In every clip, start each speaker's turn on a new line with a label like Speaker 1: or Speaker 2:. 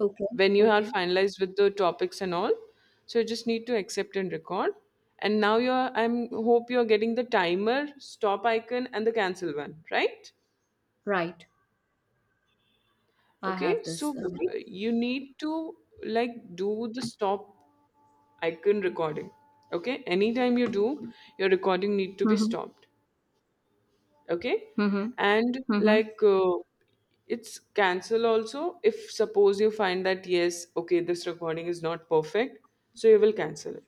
Speaker 1: Okay,
Speaker 2: When you have
Speaker 1: okay.
Speaker 2: finalized with the topics and all, so you just need to accept and record. And now you're I'm hope you're getting the timer stop icon and the cancel one, right?
Speaker 1: Right. I
Speaker 2: Okay,
Speaker 1: have
Speaker 2: so
Speaker 1: this. Okay.
Speaker 2: you need to, like, do the stop icon recording. Okay, anytime you do your recording need to be
Speaker 1: Mm-hmm.
Speaker 2: stopped. Okay. And
Speaker 1: Mm-hmm.
Speaker 2: like, it's cancel also if suppose you find that yes, okay, this recording is not perfect, so you will cancel it.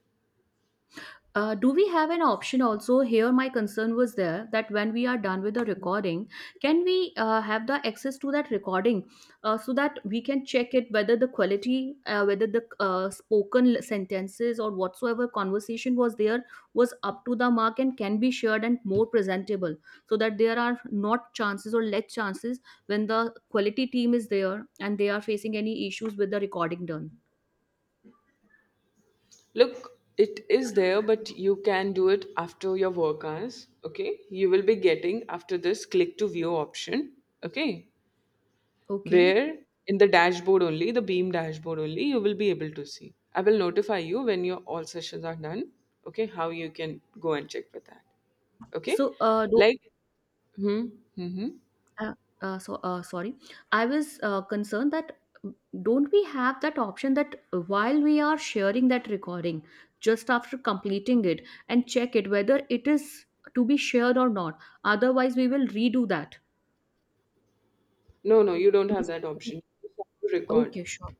Speaker 1: Do we have an option also? Here, my concern was there that when we are done with the recording, can we have the access to that recording so that we can check it whether the quality, whether the spoken sentences or whatsoever conversation was there was up to the mark and can be shared and more presentable, so that there are not chances or less chances when the quality team is there and they are facing any issues with the recording done.
Speaker 2: Look, it is there, but you can do it after your work hours. Okay. You will be getting after this click to view option. Okay.
Speaker 1: Okay.
Speaker 2: Where in the dashboard only, the beam dashboard only, you will be able to see. I will notify you when your all sessions are done. Okay. How you can go and check with that. Okay.
Speaker 1: So, uh,
Speaker 2: Like, hmm, hmm. hmm.
Speaker 1: Uh, Sorry, I was concerned that uh, don't we have that option that while we are sharing that recording just after completing it and check it whether it is to be shared or not, otherwise we will redo that.
Speaker 2: No, no, you don't have
Speaker 1: Means-
Speaker 2: that option. You just have to record.
Speaker 1: okay, sure.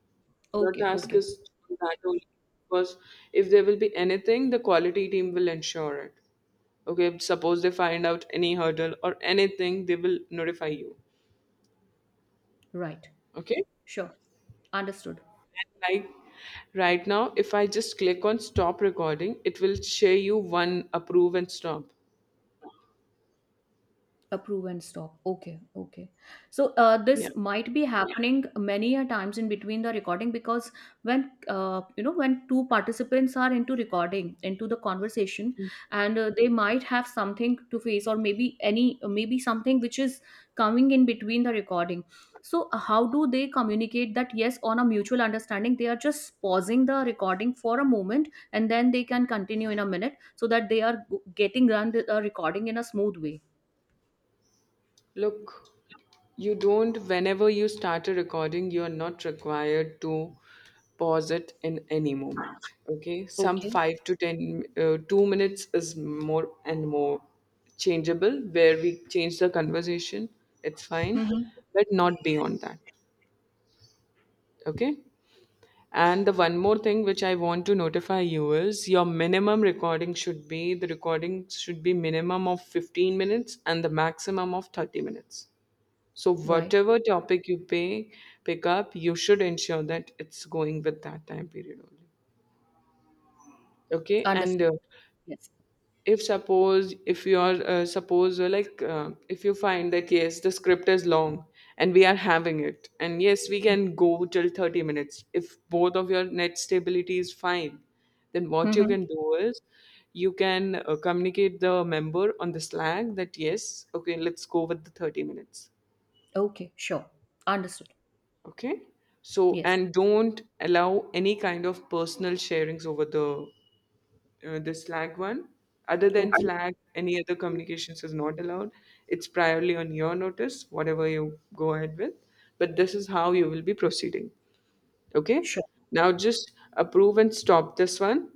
Speaker 2: Your
Speaker 1: Okay,
Speaker 2: task
Speaker 1: okay.
Speaker 2: is that only, because if there will be anything, the quality team will ensure it. Okay, suppose they find out any hurdle or anything, they will notify you.
Speaker 1: Right.
Speaker 2: Okay.
Speaker 1: Sure. Understood.
Speaker 2: Like, right now if I just click on stop recording it will share you one approve and stop.
Speaker 1: Approve and stop, okay, okay. So this
Speaker 2: Yeah.
Speaker 1: might be happening many a times in between the recording, because when you know when two participants are into recording, into the conversation, and they might have something to face, or maybe any, maybe something which is coming in between the recording. So how do they communicate that yes, on a mutual understanding they are just pausing the recording for a moment and then they can continue in a minute, so that they are getting run the recording in a smooth way.
Speaker 2: Look, you don't, whenever you start a recording you are not required to pause it in any moment. Okay, some
Speaker 1: Okay.
Speaker 2: 5 to 10, 2 minutes is more and more changeable where we change the conversation. It's fine.
Speaker 1: Mm-hmm.
Speaker 2: But not beyond that. Okay. And the one more thing which I want to notify you is your minimum recording should be, the recording should be minimum of 15 minutes and the maximum of 30 minutes. So
Speaker 1: Right.
Speaker 2: whatever topic you pay pick up, you should ensure that it's going with that time period only. Okay. And
Speaker 1: Understood. Yes.
Speaker 2: if suppose if you're suppose like if you find that yes, the script is long and we are having it, and yes, we can go till 30 minutes if both of your net stability is fine, then what you
Speaker 1: Mm-hmm.
Speaker 2: can do is you can communicate the member on the Slack that yes, okay, let's go with the 30 minutes.
Speaker 1: Okay. Sure. Understood.
Speaker 2: Okay. So,
Speaker 1: Yes.
Speaker 2: and don't allow any kind of personal sharings over the Slack one. Other than
Speaker 1: Okay.
Speaker 2: Slack, any other communications is not allowed. It's priorly on your notice, whatever you go ahead with. But this is how you will be proceeding. Okay?
Speaker 1: Sure.
Speaker 2: Now just approve and stop this one.